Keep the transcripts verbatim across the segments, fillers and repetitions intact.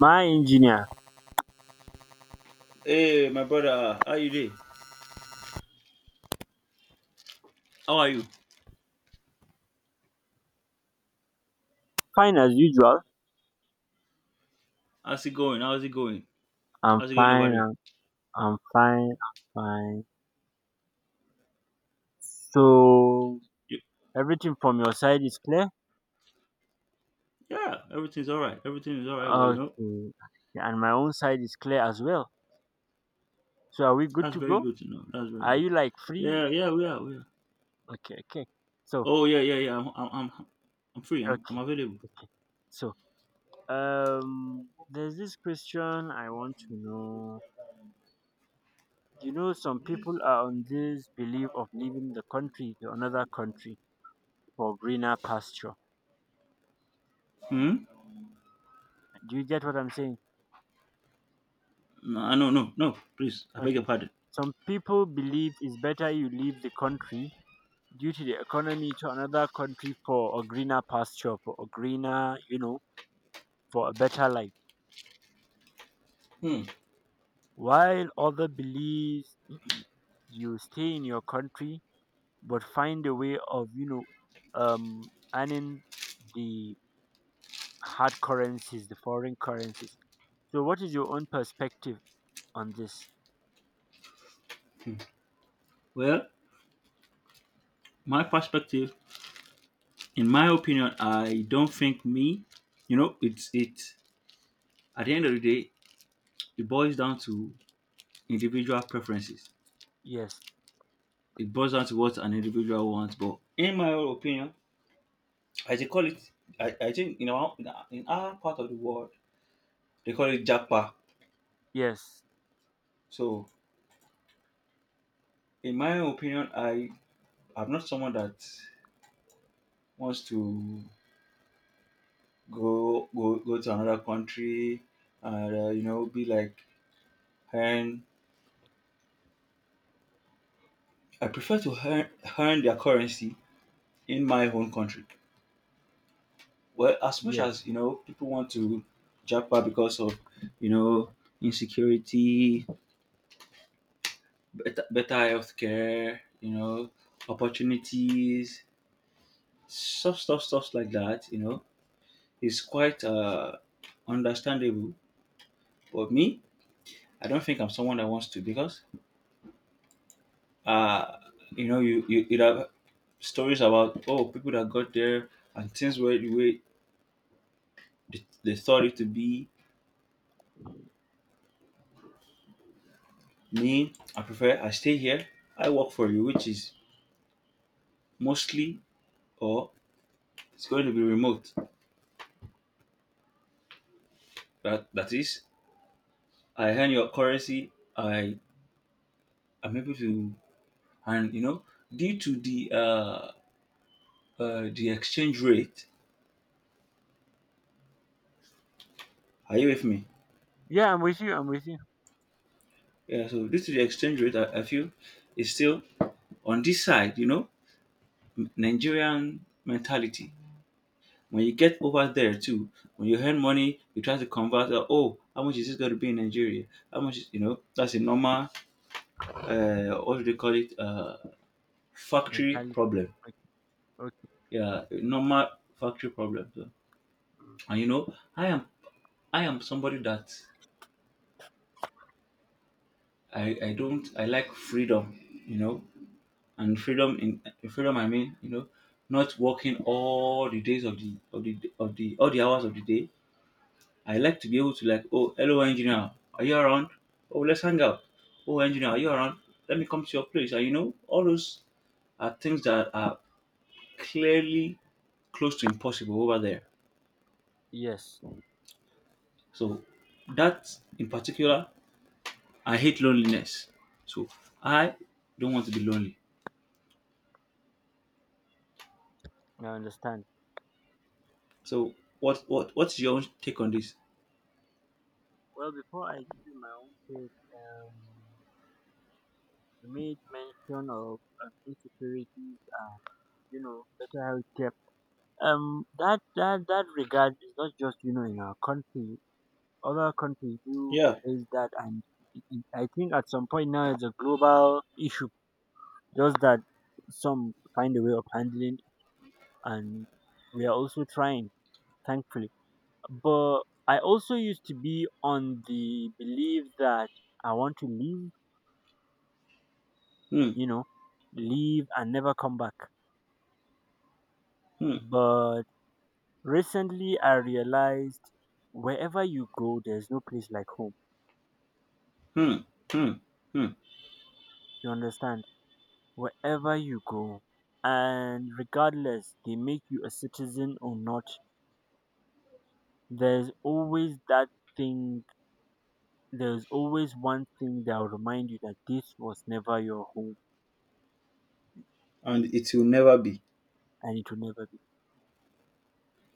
My engineer. Hey, my brother, uh, how you doing? How are you? Fine as usual. How's it going? How's it going? I'm How's it going fine, over there? i'm i'm fine, I'm fine. So You- everything from your side is clear. Yeah, everything's all right. Everything is all right. Well, you know, Okay. And my own side is clear as well. So are we good that's to very go? good to know. That's very Are good. you like free? Yeah, yeah, we are, we are. Okay, okay. So Oh, yeah, yeah, yeah. I'm, I'm, I'm, I'm free. I'm, okay, I'm available. okay. So um there's this question I want to know. You know some people are on this belief of leaving the country to another country for greener pasture. Hmm? Do you get what I'm saying? No, no, no, no. Please, I beg your Okay. pardon. Some people believe it's better you leave the country due to the economy to another country for a greener pasture, for a greener, you know, for a better life. Hmm. While other believes you stay in your country but find a way of, you know, um, earning the hard currencies, the foreign currencies. So, what is your own perspective on this? Well, my perspective, in my opinion, I don't think me, you know, it's it. At the end of the day, it boils down to individual preferences. Yes, It boils down to what an individual wants. But in my own opinion, as they call it, I, I think in our in our part of the world they call it japa. yes, So in my own opinion, I I'm not someone that wants to go go go to another country and uh, you know, be like earn. I prefer to earn, earn their currency in my own country. Well, as much yes. as you know, people want to japa because of, you know, insecurity, better, better healthcare, you know, opportunities, stuff, stuff, stuff like that, you know, is quite uh, understandable. But me, I don't think I'm someone that wants to because, uh, you know, you, you, you have stories about, oh, people that got there and things were the way they, they thought it to be. Me, I prefer, I stay here, I work for you, which is mostly or it's going to be remote. That, that is, I earn your currency, I I'm able to, and you know, due to the uh, uh, the exchange rate, are you with me? Yeah, I'm with you. I'm with you. Yeah. So due to the exchange rate, I, I feel is still on this side. You know, M- Nigerian mentality. When you get over there too, when you earn money, you try to convert. Uh, oh, how much is this going to be in Nigeria? How much? Is, you know, that's a normal. Uh, what do they call it? Uh, factory Mentality. problem. Okay. Okay. Yeah, normal factory problem. So, and you know, I am I am somebody that I, I don't I like freedom, you know, and freedom in freedom I mean, you know, not working all the days of the of the of the all the hours of the day. I like to be able to, like, oh, hello, engineer, are you around? Oh, let's hang out. Oh, engineer, are you Mm. around? Let me come to your place. And you know, all those are things that are clearly close to impossible over there. Yes, So that in particular, I hate loneliness. So I don't want to be lonely. I understand. So what what what's your own take on this? Well, before I give you my own take, um, you made mention of um, insecurities and you know better healthcare. Um, that that that regard is not just you know in our country. Other countries do Yeah. face that, and it, it, I think at some point now it's a global issue. Just that some find a way of handling, and we are also trying, thankfully. But I also used to be on the belief that I want to leave, Hmm, you know, leave and never come back. hmm, But recently I realized wherever you go, there's no place like home. hmm, hmm, hmm. You understand? Wherever you go, and regardless they make you a citizen or not, there's always that thing, there's always one thing that will remind you that this was never your home And it will never be. and it will never.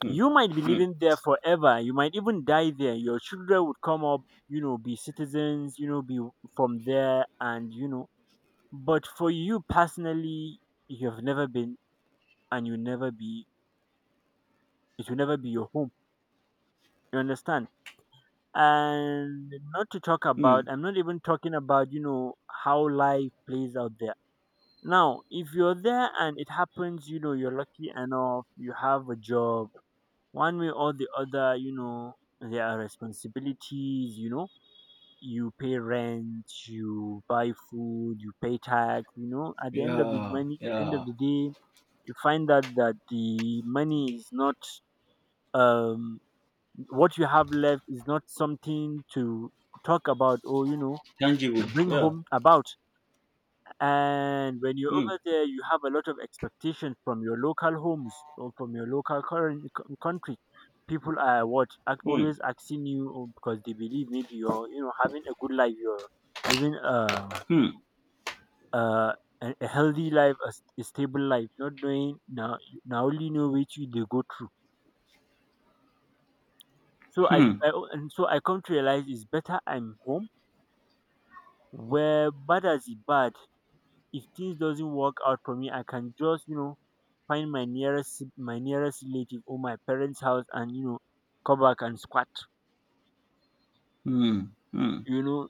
Hmm, You might be hmm, living there forever. You might even die there. Your children would come up, you know, be citizens, you know, be from there, and you know. But for you personally, you have never been, and you never be. It will never be your home. You understand? And not to talk hmm. about. I'm not even talking about you know how life plays out there. Now, if you're there and it happens, you know, you're lucky enough, you have a job. One way or the other, you know, there are responsibilities, you know, you pay rent, you buy food, you pay tax, you know, at the end of the Yeah, money, the end of yeah. the day, you find out that the money is not, um, what you have left is not something to talk about or, you know, Tangible. to bring Yeah. home about. And when you're Hmm, over there, you have a lot of expectations from your local homes or from your local current country. People are what ac- hmm, always asking you, oh, because they believe maybe you're you know having a good life, you're living a hmm, a, a a healthy life, a, s- a stable life, not knowing now now only know which way they go through. So I, hmm, I and so I come to realize it's better I'm home where bad as it bad if things doesn't work out for me I can just you know find my nearest si-, my nearest relative or my parents house and you know come back and squat. hmm, hmm, you know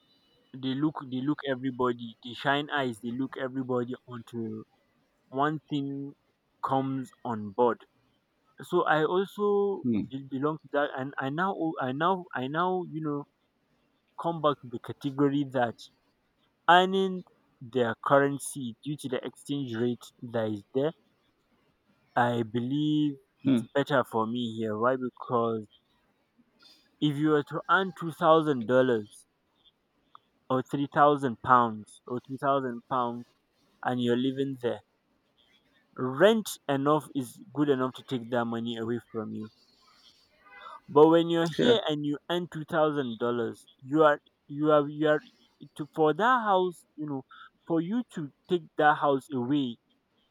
they look they look everybody, they shine eyes, they look everybody until one thing comes on board. So I also hmm, be- belong to that, and I now o- I now I now you know come back to the category that earning their currency due to the exchange rate that is there. I believe hmm. it's better for me here. Why? Because if you were to earn two thousand dollars or three thousand pounds or two thousand pounds and you're living there, rent enough is good enough to take that money away from you. But when you're Yeah, here and you earn two thousand dollars, you are you are you are to for that house, you know, for you to take that house away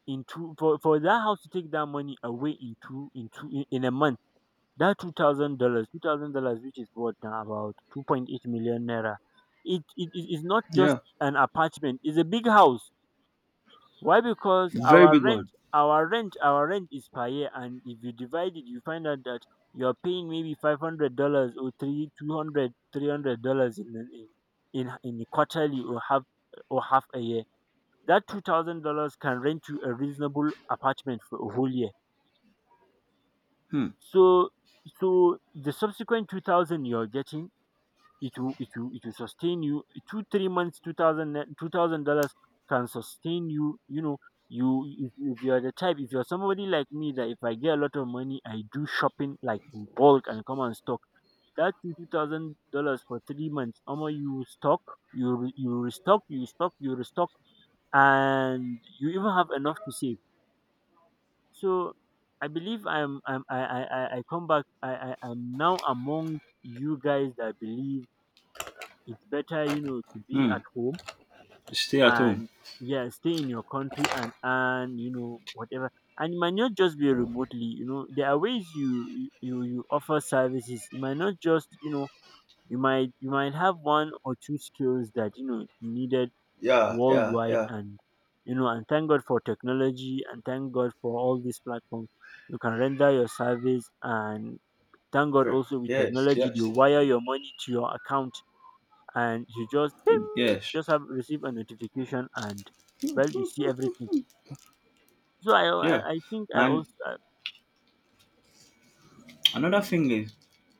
in two for, for that house to take that money away in two in two in in a month. That two thousand dollars, two thousand dollars, which is what now about two point eight million naira. It, it it is not just yeah. an apartment; it's a big house. Why? Because Very our big one. rent, our rent, our rent is per year, and if you divide it, you find out that you are paying maybe five hundred dollars or three two hundred three hundred dollars in in in in quarterly or half or half a year. That two thousand dollars can rent you a reasonable apartment for a whole year. Hmm, So so the subsequent two thousand you're getting, it will it will it will sustain you two three months, two thousand uh, two thousand dollars can sustain you. You know You if, if you're the type, if you're somebody like me that if I get a lot of money I do shopping like in bulk and come and stock, that two thousand dollars for three months, Omo, you stock, you re- you restock, you stock, you restock and you even have enough to save. So I believe i'm i'm i i i I come back, i i am now among you guys that believe it's better you know to be hmm. at home. Stay at home. And yeah, stay in your country and earn you know whatever. And it might not just be remotely, you know there are ways you you you you offer services, it might not just you know you might you might have one or two skills that you know needed Yeah, yeah, worldwide. yeah. And you know and thank god for technology, and thank god for all these platforms you can render your service. And thank god Ver- also with Yes, technology they yes, wire your money to your account and you just ping, yes, just have receive a notification and well you see everything. So I yeah. I, I think I And also uh, another thing is,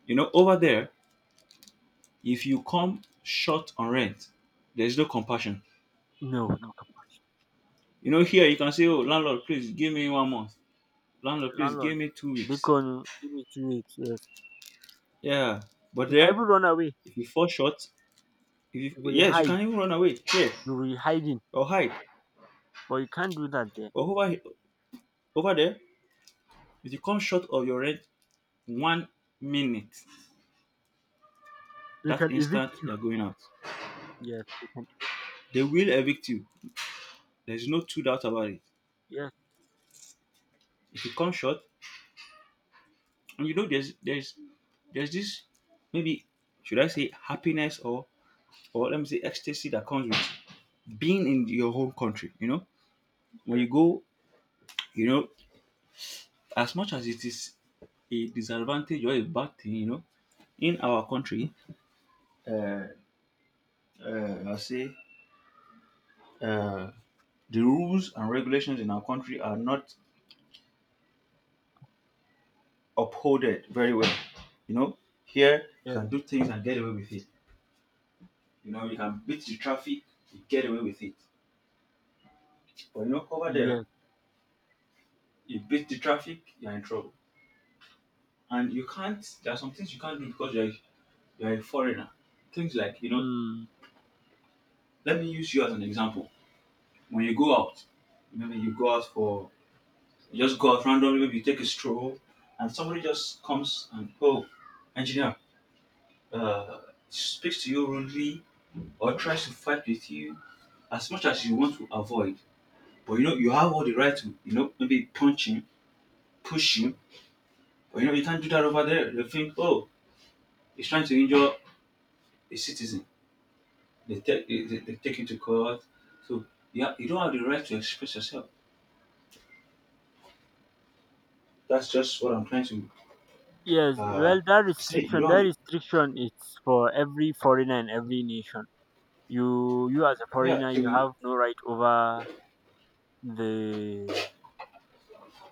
you know, over there, if you come short on rent, there's no compassion. no no come You know, here you can say, oh, landlord, please give me one month. on, Landlord, please landlord. give me two weeks. Bacon give me two weeks, yes, Yeah. But you can even there, run away, if you fall short, if you, you will yes, you hide, can even run away here you will be hiding. or hide. But you can't do that there. But over over there, if you come short of your rent one minute, They that can evict instant you. you're going out. Yes, they can evict. They will evict you. There's no two doubt about it. Yes, If you come short, and you know there's there's there's this, maybe should I say happiness or or let me say ecstasy that comes with being in your home country. You know, when yes, you go, you know, as much as it is a disadvantage or a bad thing, you know, in our country, uh, uh, I'll say uh, the rules and regulations in our country are not upholded very well. You know, here you yes, can do things and get away with it. You know, you can beat the traffic, you get away with it. But you know, over there, yes. you beat the traffic, you're in trouble. And you can't, there are some things you can't do because you're you're a foreigner. Things like, you know, Mm. let me use you as an example. When you go out, maybe you go out for, you just go out randomly, maybe you take a stroll, and somebody just comes and, oh, engineer, uh, speaks to you rudely or tries to fight with you as much as you want to avoid. But you know, you have all the right to, you know, maybe punch him, push him, but you know, you can't do that over there. They think, oh, he's trying to injure a citizen. They take, they, they they take you to court. So, yeah, you don't have the right to express yourself. That's just what I'm trying to Yes. uh, Well, that say. You restriction, don't that have, restriction is for every foreigner and every nation. You you as a yeah, foreigner so you you, have no right over The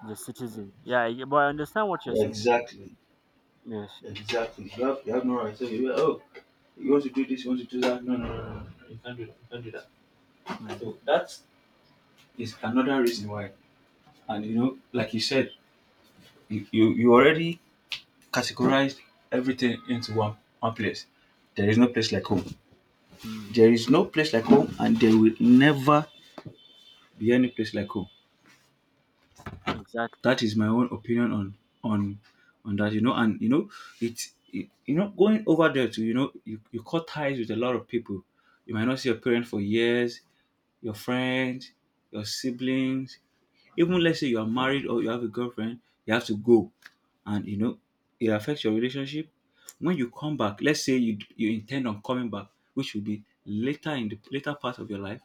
the citizen. Yeah, I but I understand what you're saying. exactly, Yes. Yes. exactly. You have, you have no right to say, well, oh, you want to do this, you want to do that. No, no, no, no, no. You can't do that, you can't do that. Mm, So that is another reason why. And you know, like you said, you, you, you already categorized everything into one, one place. There is no place like home. mm, There is no place like home, and there will never be any place like home. exactly. That is my own opinion on on on that, you know. And you know, it's it, you know, going over there to, you know, you, you cut ties with a lot of people. You might not see your parents for years, your friends, your siblings. Even let's say you are married or you have a girlfriend, you have to go, and you know it affects your relationship. When you come back, let's say you you intend on coming back, which will be later in the later part of your life,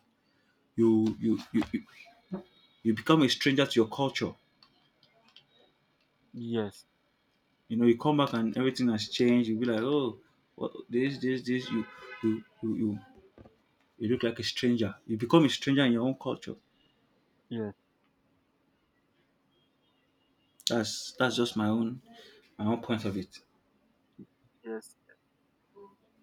you you you you you become a stranger to your culture. Yes. You know, you come back and everything has changed. You'll be like, oh, what, this, this, this. You, you, you, you, you look like a stranger. You become a stranger in your own culture. Yes. That's that's just my own, my own point of it. Yes.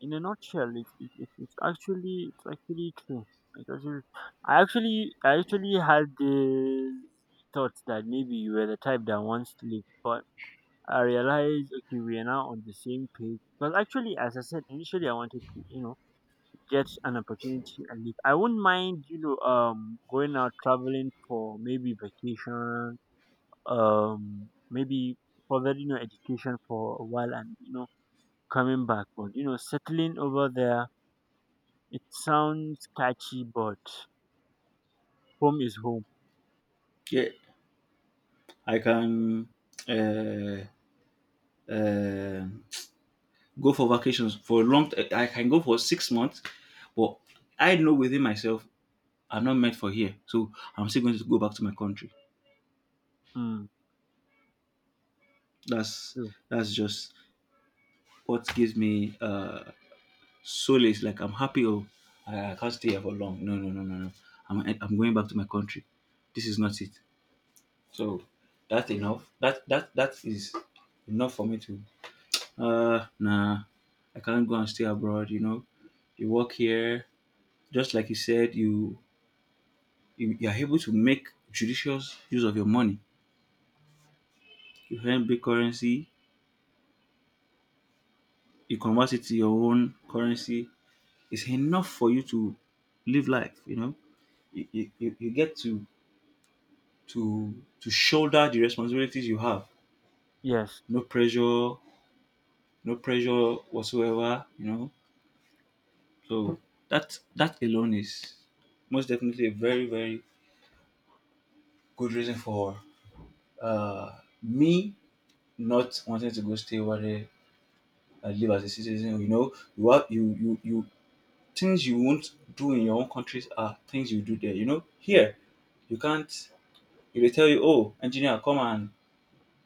In a nutshell, it, it, it, it's actually it's actually true. It's actually, I actually I actually had the thought that maybe you were the type that wants to live, but I realized okay, we are now on the same page. Because actually, as I said initially, I wanted to you know get an opportunity and leave. I wouldn't mind, you know, um, going out traveling for maybe vacation, um, maybe further, you know, education for a while and, you know, coming back. But, you know, settling over there, it sounds catchy, but home is home. Yeah, I can, uh, uh, go for vacations for a long. T- I can go for six months, but I know within myself I'm not meant for here, so I'm still going to go back to my country. Mm, That's true. that's just what gives me, uh, Sole is like, I'm happy. Oh, I, I can't stay here for long. No, no, no, no, no. I'm, I'm going back to my country. This is not it. So that's enough. That that that is enough for me to. Uh, nah, I can't go and stay abroad. You know, you work here. Just like you said, you you, you are able to make judicious use of your money. You earn big currency. You convert it to your own currency. It's enough for you to live life. You know, you, you, you you get to, to to shoulder the responsibilities you have. Yes. No pressure, no pressure whatsoever, you know. So that that alone is most definitely a very, very good reason for uh me not wanting to go stay over there and live as a citizen. You know, you have you you you things you won't do in your own countries are things you do there. You know, here you can't, if they tell you, oh, engineer, come and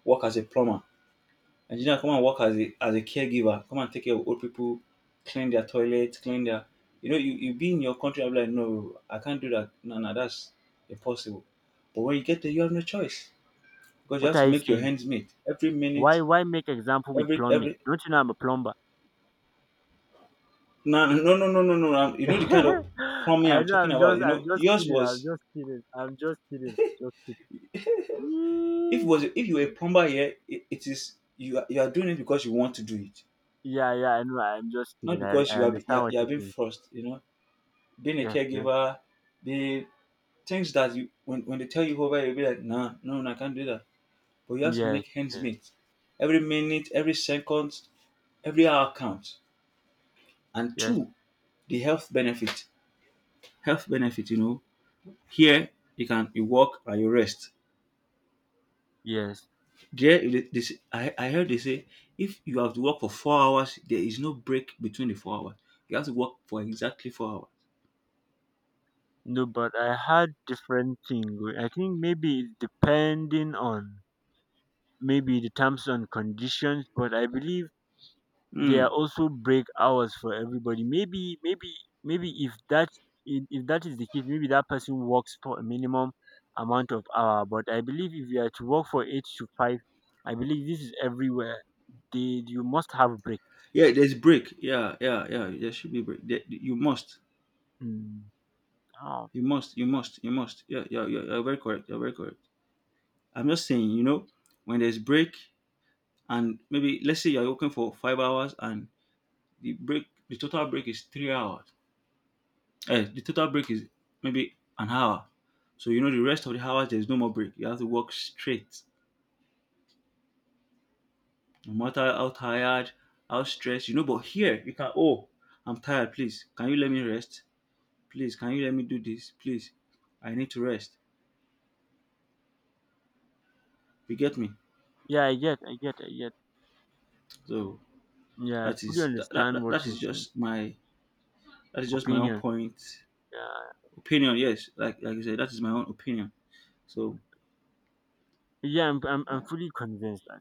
work as a plumber, Nigerians, come and work as a as a caregiver, come and take care of old people, clean their toilets, clean their, you know, you, you be in your country, I'm like, no, I can't do that. No, no, that's impossible. But when you get there, you have no choice because you What have are to you make your saying? hands meet every Why, minute, why make example with every plumbing? every. Don't you know I'm a plumber? No, no, no, no, no, no, no. You know the kind of plumbing I I'm know, talking I'm about. just You I'm know, just yours kidding. I'm was, just kidding. I'm just kidding. I'm just kidding. if was if you were a Mm. plumber here, it, it is you are, you are doing it because you want to do it, Yeah, yeah, I know. I'm just not kidding. I, because I you are you understand are, what you are you being think. forced. You know, being a Yes, yes, caregiver, being things that you, when, when they tell you over, you'll be like, nah, no, no, I can't do that, but you have to yes, make hands yes, meet every minute, every second, every hour counts. And yes. two, the health benefit health benefit, you know, here you can, you work and you rest. Yes. There, they, they, say- I, I heard they say if you have to work for four hours there is no break between the four hours, you have to work for exactly four hours. No, but I had different thing. w- I think maybe it's depending on maybe the terms and conditions, but I believe there are Hmm. also break hours for everybody. Maybe, maybe, maybe if that if if that is the case, maybe that person works for a minimum amount of hour. But I believe if you are to work for eight to five, I believe this is everywhere. They you must have break. Yeah, there's break, yeah, yeah, yeah, there should be break there, you must. Mm. Oh, You must, you must, you must. Yeah, yeah, yeah. You're very correct. You're very correct. I'm just saying, you know, when there's break, and maybe let's say you're working for five hours and the break, the total break is three hours. Eh, the total break is maybe an hour. So you know the rest of the hours there's no more break. You have to work straight, no matter how tired, how stressed. You know, but here you can. Oh, I'm tired. Please, can you let me rest? Please, can you let me do this? Please, I need to rest. You get me? yeah, I get, I get, I get. So Yeah, I that fully is that, that, understand that what that you're is saying. just my, that is just my own Opinion. point Yeah, opinion. Yes, like like you said, that is my own opinion. So yeah, I'm, I'm, I'm fully convinced that.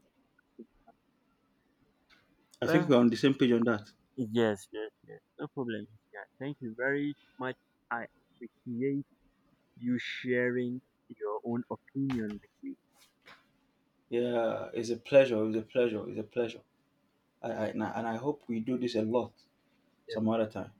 I think Well, we're on the same page on that. yes, yes, yes. No problem. Yeah, thank you very much. I appreciate you sharing your own opinion with me. Yeah, it's a pleasure. It's a pleasure. It's a pleasure. I, I and I and I hope we do this a lot some other time.